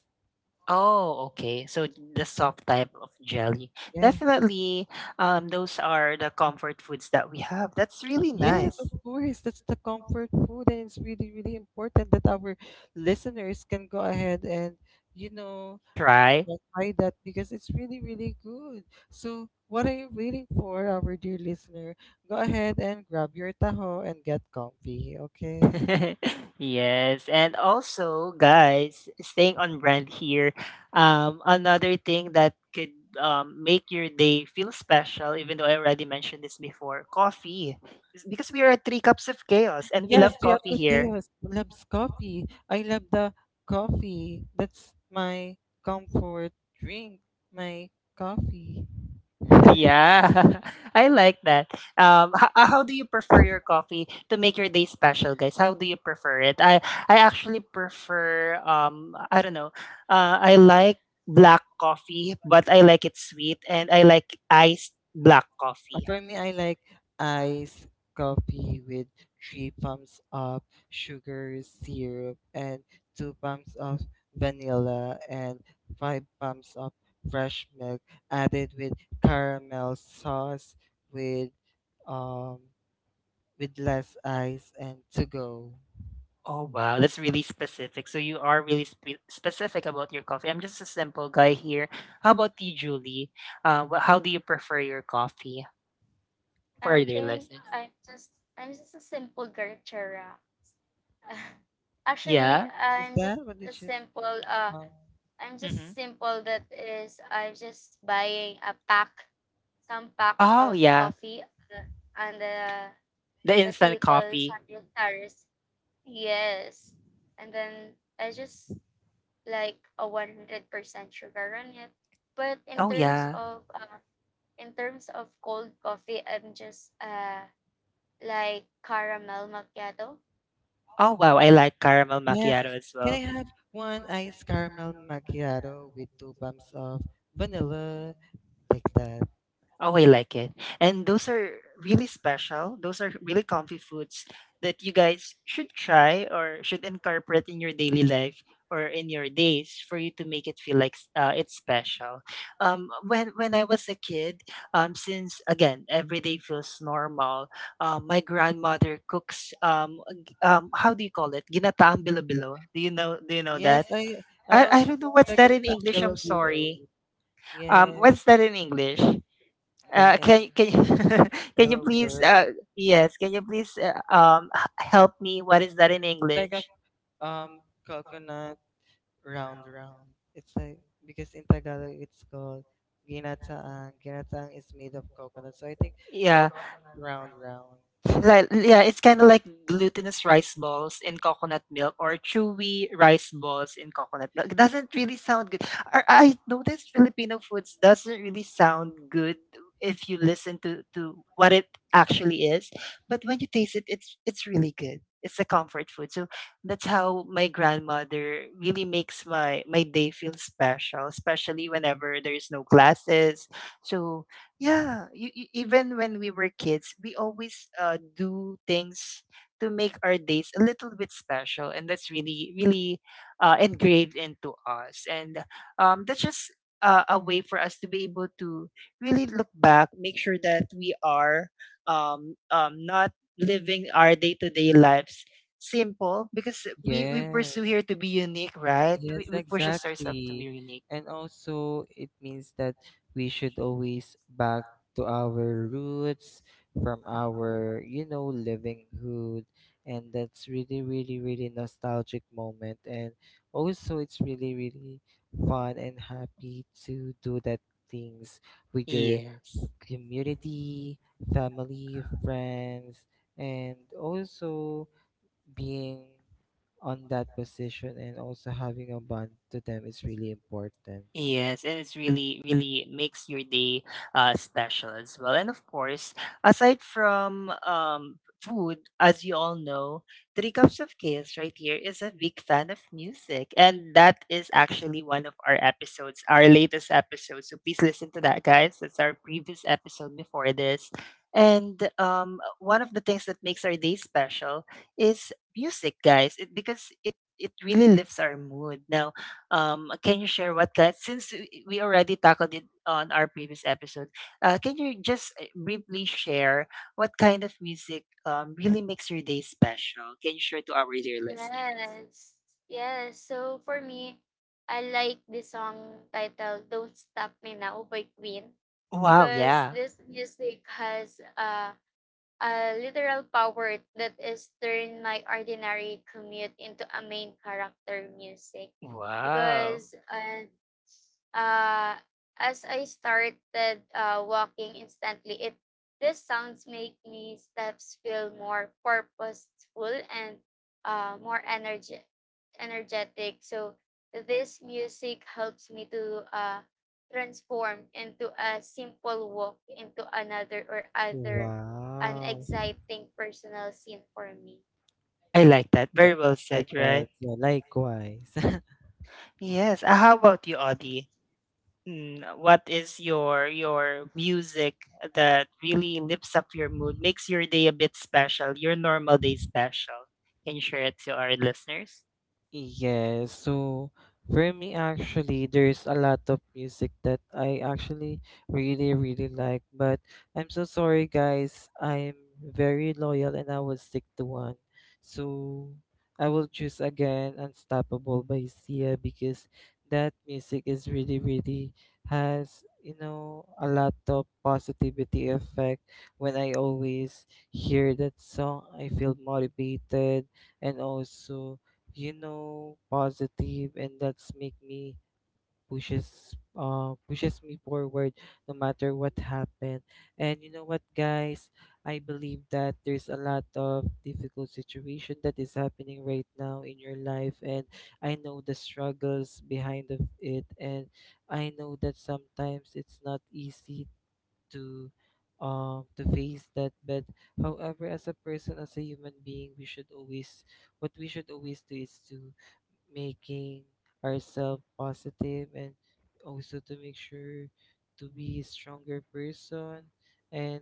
A: Oh, okay. So the soft type of jelly.
B: Yes.
A: Definitely, those are the comfort foods that we have. That's really
B: Yes,
A: nice.
B: of course. That's the comfort food, and it's really, really important that our listeners can go ahead and, you know,
A: Try.
B: go buy that because it's really, really good. So, what are you waiting for, our dear listener? Go ahead and grab your taho and get comfy, okay?
A: Yes. And also, guys, staying on brand here, another thing that could make your day feel special, even though I already mentioned this before, coffee. It's Because we are at Three Cups of Chaos and we love
B: Yes, we have
A: coffee
B: to
A: here.
B: chaos loves coffee. I love the coffee. That's my comfort drink, my coffee.
A: Yeah, I like that. How do you prefer your coffee to make your day special, guys? How do you prefer it? I actually prefer I don't know. I like black coffee, but I like it sweet, and I like iced black coffee.
B: For me, I like iced coffee with three pumps of sugar syrup and two pumps of vanilla and five pumps of fresh milk added with caramel sauce with um with less ice and to go.
A: Oh wow, that's really specific. So you are really specific about your coffee. I'm just a simple guy here. How about you, Julie? How do you prefer your coffee
C: I
A: for their
C: think
A: lessons?
C: I'm just a simple garchera. Actually,
A: Yeah.
B: Is
C: I'm just
B: that what it
C: a
B: is?
C: simple
B: Um,
C: I'm just simple, that is, I'm just buying a pack some pack
A: Oh
C: of
A: yeah,
C: coffee, and
A: the
C: what do you
A: instant
C: call
A: coffee.
C: Sunday Paris? Yes. And then I just like a 100% sugar on it. But
A: Oh yeah.
C: in terms of cold coffee, I'm just like caramel macchiato.
A: Oh wow, I like caramel
B: yes.
A: macchiato as
B: Can
A: well.
B: I have one iced caramel macchiato with two pumps of vanilla like that?
A: Oh, I like it. And those are really special. Those are really comfy foods that you guys should try or should incorporate in your daily life or in your days for you to make it feel like it's special. When I was a kid, since again every day feels normal, my grandmother cooks how do you call it? Ginataang bilo-bilo. Do you know? Do you know that?
B: Yes, I
A: I,
B: al-
A: I don't know what's
B: like
C: Yeah.
A: that
B: in
A: in
B: fact,
A: English. I'm
B: Bilo Bilo.
A: sorry.
B: Yes,
A: What's that in English? Uh,
B: ganyan, it's
A: can can you can you
B: Bilo Bilo.
A: please
B: It's
A: yes, can you please help me what is that in
B: like
A: English?
B: a um coconut round round. It's like because in Tagalog it's called ginataang. Ginataang is made of coconut, so I think
A: Yeah.
B: coconut round round.
A: Like yeah, it's kind of like glutinous rice balls in coconut milk or chewy rice balls in coconut milk. It doesn't really sound good. I noticed Filipino foods doesn't really sound good if you listen to what it actually is, but when you taste it, it's really good. It's a comfort food. So that's how my grandmother really makes my day feel special, especially whenever there's no classes. So yeah, even when we were kids, we always do things to make our days a little bit special, and that's really, really engraved into us. And that's just a way for us to be able to really look back, make sure that we are not living our day to day lives simple because we pursue
B: Yes.
A: here to be unique, right? We,
B: Yes,
A: we push ourselves to be
B: exactly.
A: unique.
B: And also, it means that we should always back to our roots from our, you know, livinghood. And that's really, really, really nostalgic moment. And also, it's really, really fun and happy to do that things with your
A: Yes.
B: community, family, friends, and also being on that position and also having a bond to them is really important.
A: Yes, and it's really, really makes your day special as well. And of course, aside from food, as you all know, Three Cups of Chaos right here is a big fan of music. And that is actually one of our episodes, our latest episode. So please listen to that, guys. That's our previous episode before this. And one of the things that makes our day special is music, guys, because it really lifts our mood. Now, can you share what that, since we already tackled it on our previous episode, can you just briefly share what kind of music really makes your day special? Can you share to our dear listeners?
C: Yes. Yes. So for me, I like the song titled Don't Stop Me Now by Queen
A: Wow,
C: because
A: yeah.
C: this music has a literal power that is turned my ordinary commute into a main character music,
A: Wow.
C: because uh, as I started walking instantly, it, these sounds make me steps feel more purposeful and more energetic. So this music helps me to transform into a simple walk into another or other an
B: Wow. Yes,
C: exciting personal scene for me.
A: I like that. Very well
B: I like
A: said, right?
B: that. Yeah, likewise.
A: Yes. How about you, Audie? Mm, what is your music that really lifts up your mood, makes your day a bit special, your normal day special? Can you share it to our listeners?
B: Yes, so for me actually there's a lot of music that I actually really really like, but I'm so sorry, guys, I'm very loyal and I will stick to one. So I will choose again Unstoppable by Sia, because that music is really really has, you know, a lot of positivity effect. When I always hear that song, I feel motivated, and also, you know, positive, and that's make me pushes pushes me forward no matter what happened. And you know what, guys, I believe that there's a lot of difficult situation that is happening right now in your life, and I know the struggles behind of it, and I know that sometimes it's not easy to to face that. But however, as a person, as a human being, we should always, what we should always do is to making ourselves positive and also to make sure to be a stronger person. And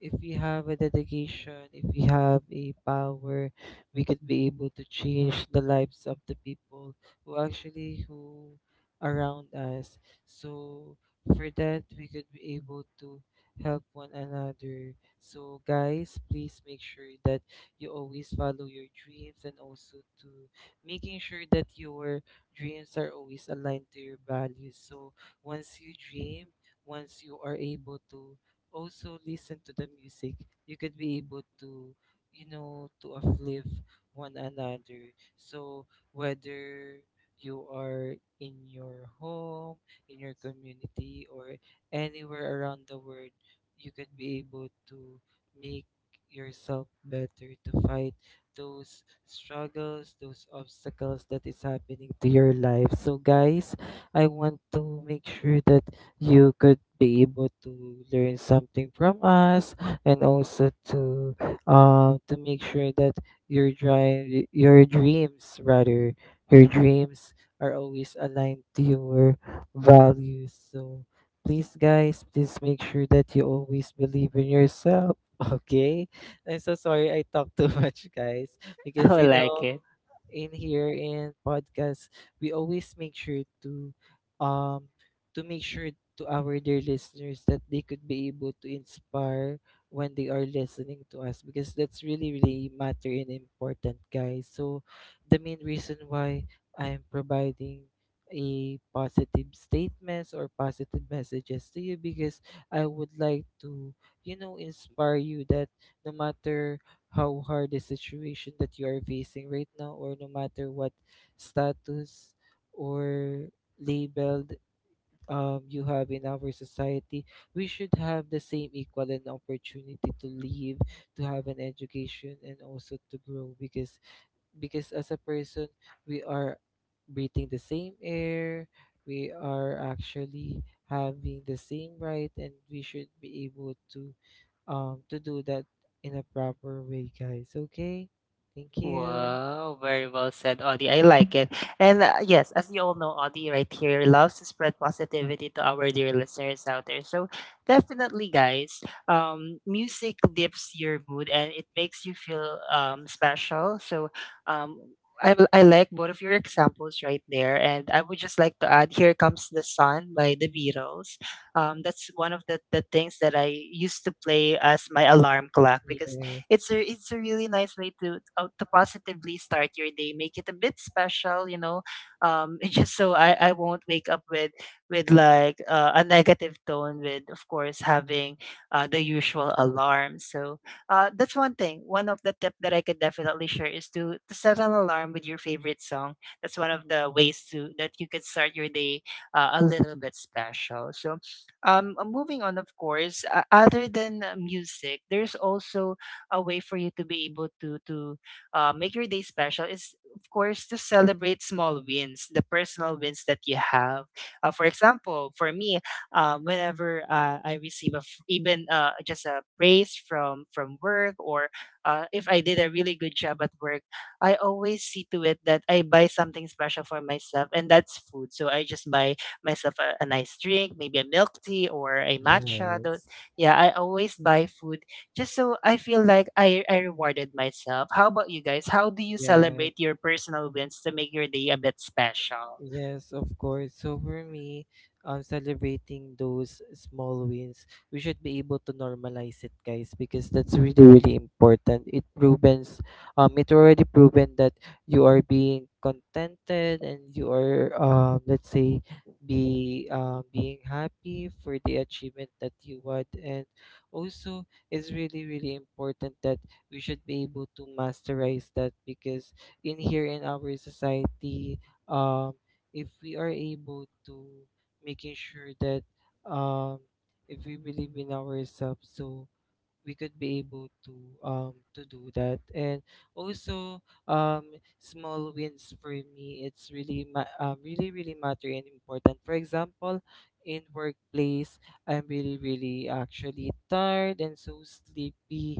B: if we have a dedication, if we have a power, we could be able to change the lives of the people who actually who around us. So for that we could be able to help one another. So, guys, please make sure that you always follow your dreams and also to making sure that your dreams are always aligned to your values. So, once you dream, once you are able to also listen to the music, you could be able to, you know, to uplift one another. So, whether you are in your home, in your community, or anywhere around the world, you could be able to make yourself better to fight those struggles, those obstacles that is happening to your life. So guys, I want to make sure that you could be able to learn something from us, and also to make sure that your dreams rather, your dreams are always aligned to your values. So please, guys, please make sure that you always believe in yourself. Okay? I'm so sorry I talked too much, guys, because
A: Oh, I
B: you
A: like
B: know
A: it.
B: in here in podcast, we always make sure um to make sure to our dear listeners that they could be able to inspire when they are listening to us, because that's really really matter and important, guys. So the main reason why I'm providing a positive statements or positive messages to you, because I would like to, you know, inspire you that no matter how hard the situation that you are facing right now, or no matter what status or labeled you have in our society, we should have the same equal and opportunity to live, to have an education, and also to grow. Because as a person, we are breathing the same air. We are actually having the same right, and we should be able to do that in a proper way, guys. Okay? Thank you.
A: Wow, very well said, Audie. I like it. And yes, as you all know, Audie right here loves to spread positivity to our dear listeners out there. So definitely, guys, music lifts your mood and it makes you feel special. So um, I like both of your examples right there. And I would just like to add Here Comes the Sun by the Beatles. That's one of the things that I used to play as my alarm clock because
B: Yes.
A: it's a really nice way to positively start your day. Make it a bit special, you know. Just so I won't wake up with like a negative tone. With of course having the usual alarm. So that's one thing. One of the tip that I could definitely share is to set an alarm with your favorite song. That's one of the ways to that you could start your day a little bit special. So, moving on, of course, other than music, there's also a way for you to be able to make your day special is of course to celebrate small wins the personal wins that you have for example for me whenever I receive a f- even just a praise from work or if I did a really good job at work I always see to it that I buy something special for myself and that's food so I just buy myself a nice drink maybe a milk tea or a matcha
B: Yes.
A: yeah I always buy food just so I feel like I rewarded myself. How about you guys? How do you
B: Yes.
A: celebrate your personal wins to make your day a bit special?
B: Yes, of course. So for me, celebrating those small wins, we should be able to normalize it, guys, because that's really, really important. It proves, it already proven that you are being contented and you are, let's say, be being happy for the achievement that you want. And also it's really really important that we should be able to masterize that, because in here in our society um if we are able to making sure that um if we believe in ourselves, so we could be able to do that. And also um small wins for me, it's really really really matter and important. For example, in workplace, I'm really really actually tired and so sleepy,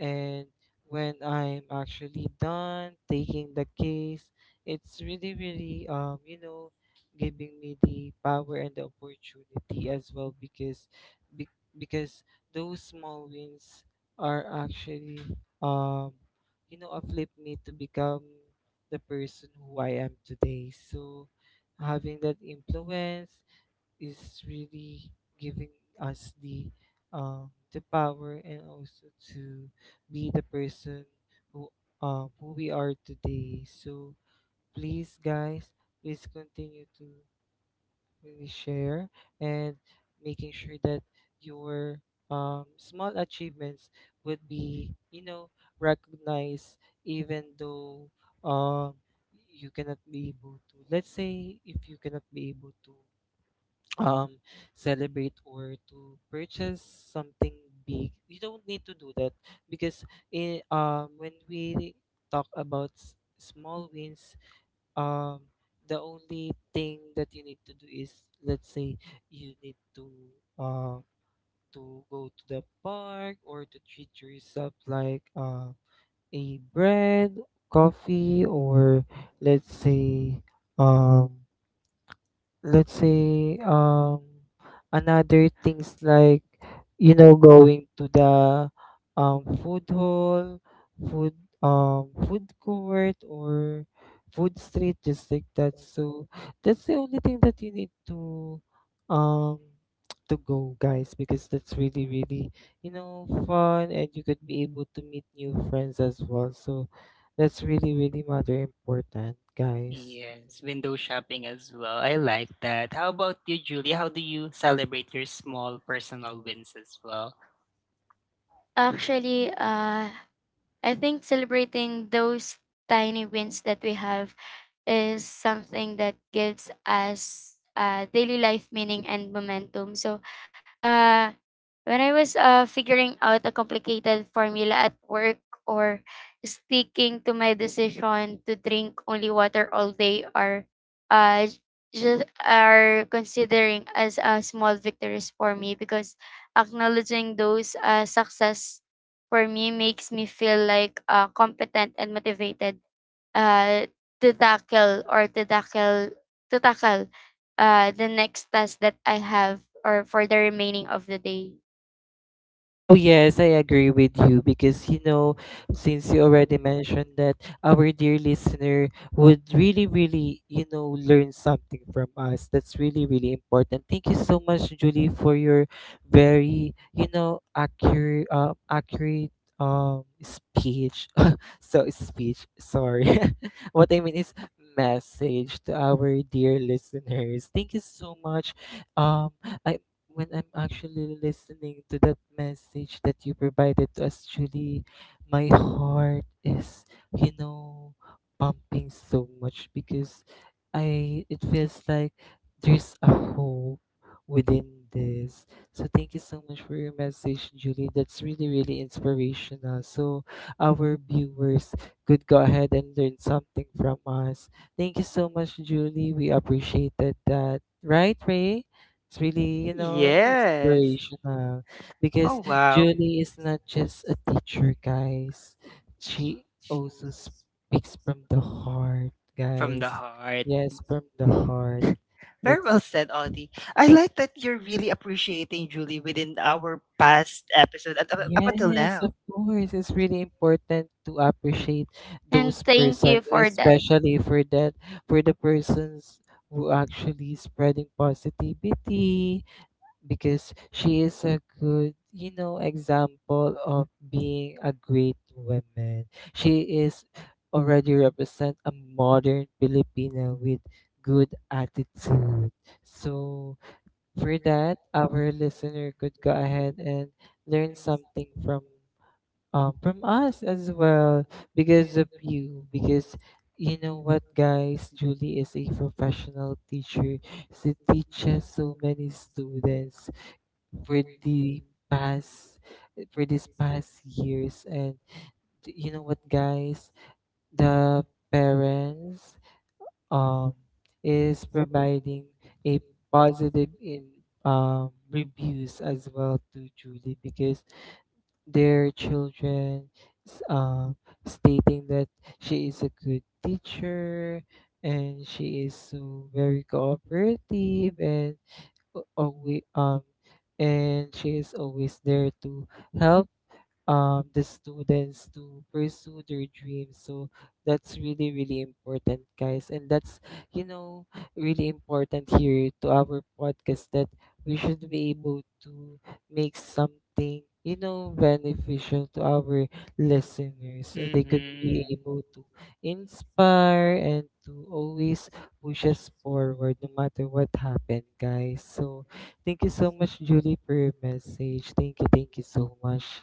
B: and when I'm actually done taking the case, it's really really you know giving me the power and the opportunity as well, because be- because those small wins are actually um you know a flip me to become the person who I am today. So having that influence is really giving us the power and also to be the person who who we are today. So please guys, please continue to really share and making sure that your small achievements would be recognized even though um, you cannot be able to, let's say if you cannot be able to um, celebrate or to purchase something big, you don't need to do that because when we talk about small wins, um the only thing that you need to do is, let's say you need uh, to go to the park or to treat yourself like a bread, coffee, or let's say um let's say another things like, you know, going to the food hall, food, food court, or food street, just like that. So that's the only thing that you need to um to go, guys, because that's really really, you know, fun, and you could be able to meet new friends as well. So that's really really matter important, guys.
A: Yes, window shopping as well. I like that. How about you, Julie? How do you celebrate your small personal wins as well?
C: Actually, I think celebrating those tiny wins that we have is something that gives us daily life meaning and momentum. So, uh, when I was figuring out a complicated formula at work, or sticking to my decision to drink only water all day, are uh, just are considering as a small victories for me because acknowledging those success for me makes me feel like competent and motivated, uh, to tackle or to tackle the next task that I have or for the remaining of the day.
B: Oh yes, I agree with you because, you know, since you already mentioned that our dear listener would really, really, you know, learn something from us. That's really, really important. Thank you so much, Julie, for your very, you know, accurate, accurate speech. So speech. Sorry, what I mean is message to our dear listeners. Thank you so much. Um, I when I'm actually listening to that message that you provided to us, Julie, my heart is, you know, pumping so much because I it feels like there's a hope within this. So thank you so much for your message, Julie. That's really, really inspirational. So our viewers could go ahead and learn something from us. Thank you so much, Julie. We appreciated that. Right, Ray? It's really, you know,
A: Yes.
B: inspirational because
A: Oh, wow.
B: Julie is not just a teacher, guys. She also speaks from the heart,
A: From the
B: guys.
A: heart.
B: Yes, from the heart.
A: Very well
B: That's,
A: said, Audie. I like that you're really appreciating Julie within our past episode and up until
B: yes,
A: now.
B: of course. It's really important to appreciate those
C: And thank
B: persons,
C: you for that.
B: especially for that, for the persons who actually spreading positivity, because she is a good, you know, example of being a great woman. She is already represent a modern Filipina with good attitude. So for that, our listener could go ahead and learn something from, from us as well, because of you, because you know what, guys, Julie is a professional teacher. She teaches so many students for the past, for these past years. And you know what, guys, the parents um is providing a positive in reviews as well to Julie because their children, s- um stating that she is a good teacher, and she is so very cooperative, and always and she is always there to help the students to pursue their dreams. So that's really, really important, guys. And that's, you know, really important here to our podcast, that we should be able to make something, you know, beneficial to our listeners so they could be able to inspire and to always push us forward no matter what happened, guys. So thank you so much, Julie, for your message. Thank you so much.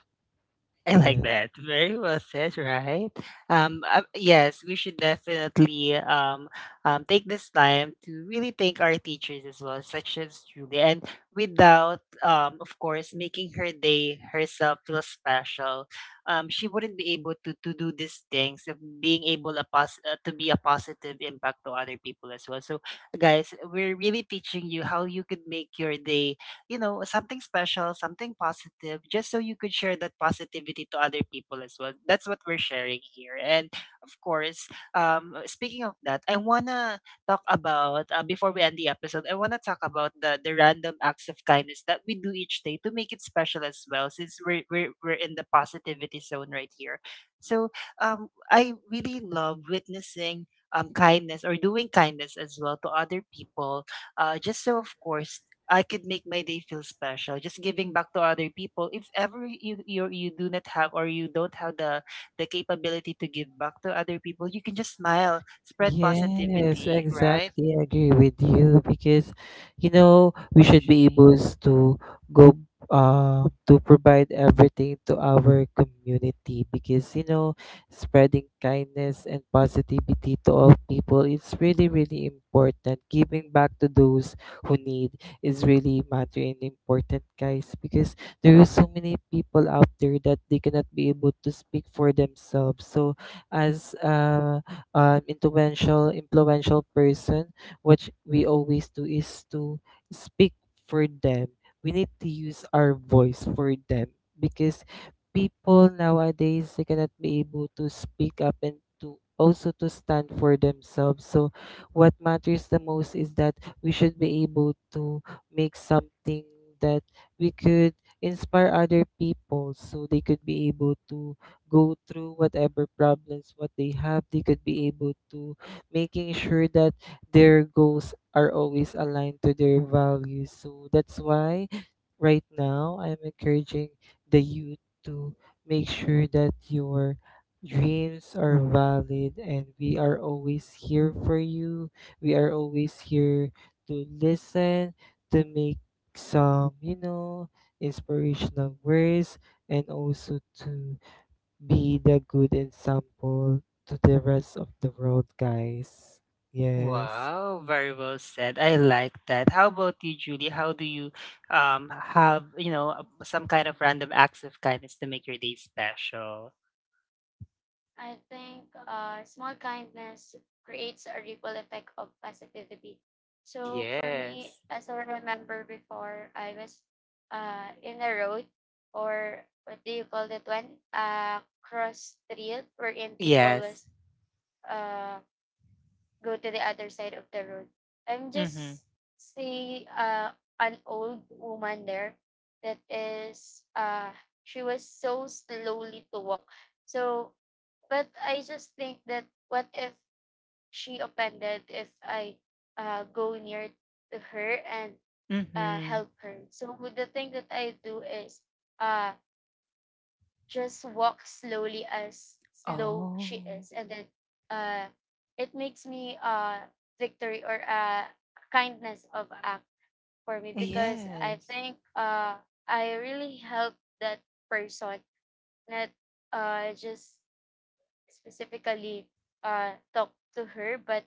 A: I
B: Yeah.
A: like that. Very well said, right? Yes, we should definitely take this time to really thank our teachers as well, such as Julie, and without, of course, making her day herself feel special, she wouldn't be able to do these things of being able to be a positive impact to other people as well. So, guys, we're really teaching you how you could make your day you know, something special, something positive, just so you could share that positivity to other people as well. That's what we're sharing here. And of course, speaking of that, I wanna talk about before we end the episode. I wanna talk about the random acts of kindness that we do each day to make it special as well. Since we're in the positivity zone right here, so I really love witnessing kindness or doing kindness as well to other people just so of course I could make my day feel special. Just giving back to other people. If ever you do not have or you don't have the capability to give back to other people, you can just smile, spread
B: Yes,
A: positivity, right?
B: exactly. I agree with you because, you know, we should be able to go, to provide everything to our community because, you know, spreading kindness and positivity to all people, it's really, really important. Giving back to those who need is really matter and important, guys, because there are so many people out there that they cannot be able to speak for themselves. So as influential, person, what we always do is to speak for them. We need to use our voice for them because people nowadays they cannot be able to speak up and to also to stand for themselves. So what matters the most is that we should be able to make something that we could inspire other people so they could be able to go through whatever problems what they have. They could be able to making sure that their goals are always aligned to their values. So that's why right now I'm encouraging the youth to make sure that your dreams are valid and we are always here for you. We are always here to listen, to make some, you know, inspirational words, and also to be the good example to the rest of the world, guys. Yes.
A: Wow, very well said. I like that. How about you, Julie? How do you have, you know, some kind of random acts of kindness to make your day special?
C: I think small kindness creates a ripple effect of positivity. So for me,
A: Yes.
C: as I remember before, I was in a road, or what do you call that one? Cross street wherein people was,
A: Yes.
C: uh, go to the other side of the road. I'm
A: Mhm.
C: just see, an old woman there, that is, she was so slowly to walk. So, but I just think that, what if she offended if I go near to her and
A: Mhm.
C: help her. So the thing that I do is, uh just walk slowly as slow she
A: Oh,
C: is, and then uh it makes me, victory or kindness of act for me, because I
A: yes.
C: think I really help that person, not just specifically talk to her, but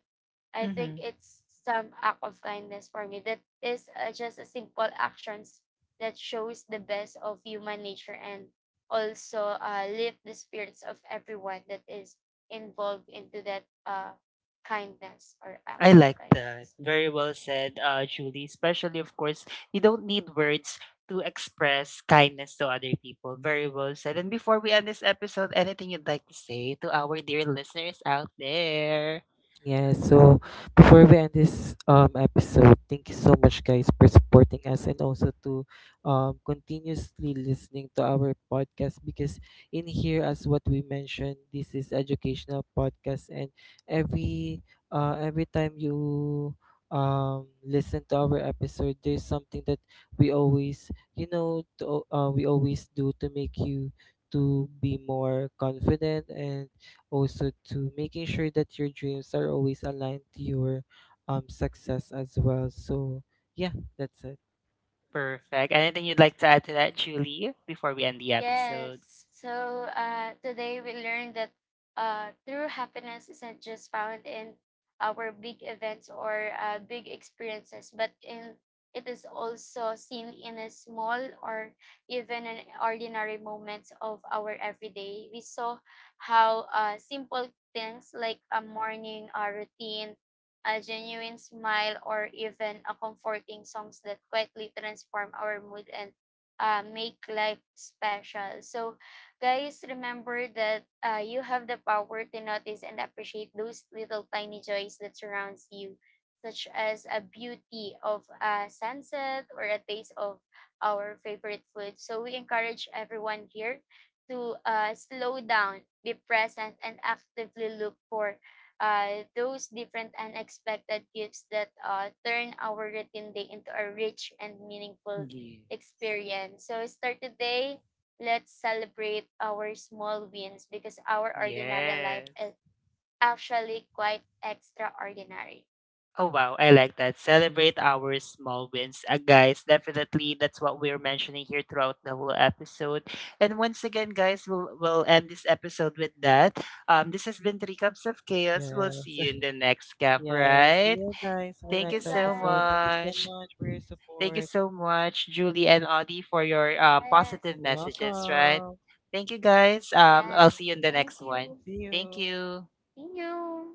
C: I think
A: Mm-hmm.
C: it's some act of kindness for me, that is just a simple actions that shows the best of human nature and also lift the spirits of everyone that is involved into that kindness or act
A: I
C: of
A: like
C: kindness.
A: that. Very well said, Julie. Especially, of course, you don't need words to express kindness to other people. Very well said. And before we end this episode, anything you'd like to say to our dear listeners out there?
B: Yeah, so before we end this episode, thank you so much guys for supporting us and also to continuously listening to our podcast, because in here, as what we mentioned, this is educational podcast. And every every time you listen to our episode, there's something that we always, you know, to, we always do to make you to be more confident and also to making sure that your dreams are always aligned to your success as well. So yeah, that's it.
A: Perfect. Anything you'd like to add to that, Julie, before we end the episode?
C: Yes. So today we learned that true happiness isn't just found in our big events or big experiences, but in it is also seen in a small or even an ordinary moments of our everyday. We saw how simple things like a morning, routine, a genuine smile, or even a comforting songs that quietly transform our mood and, make life special. So, guys, remember that, you have the power to notice and appreciate those little tiny joys that surrounds you, such as a beauty of a sunset or a taste of our favorite food. So, we encourage everyone here to slow down, be present, and actively look for. Those different unexpected gifts that turn our routine day into a rich and meaningful
A: Yeah.
C: experience. So start today. Let's celebrate our small wins because our ordinary life is
A: Yes.
C: actually quite extraordinary.
A: Oh wow, I like that. Celebrate our small wins. Guys, definitely that's what we're mentioning here throughout the whole episode. And once again, guys, we'll end this episode with that. This has been Three Cups of Chaos. We'll
B: Yes.
A: see you in the next cup,
B: Yes. See
A: right?
B: you guys
C: Oh
B: in the
A: Thank
C: my
A: you
B: next
A: so
C: God.
B: episode. Thank you so
A: much.
B: much for your
A: Thank you
B: support.
A: so much, Julie and Audie, for your
C: Yes.
A: positive messages, right?
B: Welcome.
A: Thank you guys.
B: See
A: I'll
C: Yes.
A: see you in the
C: Thank
A: next
C: you.
A: one. Thank
B: you.
A: you.
C: Thank you.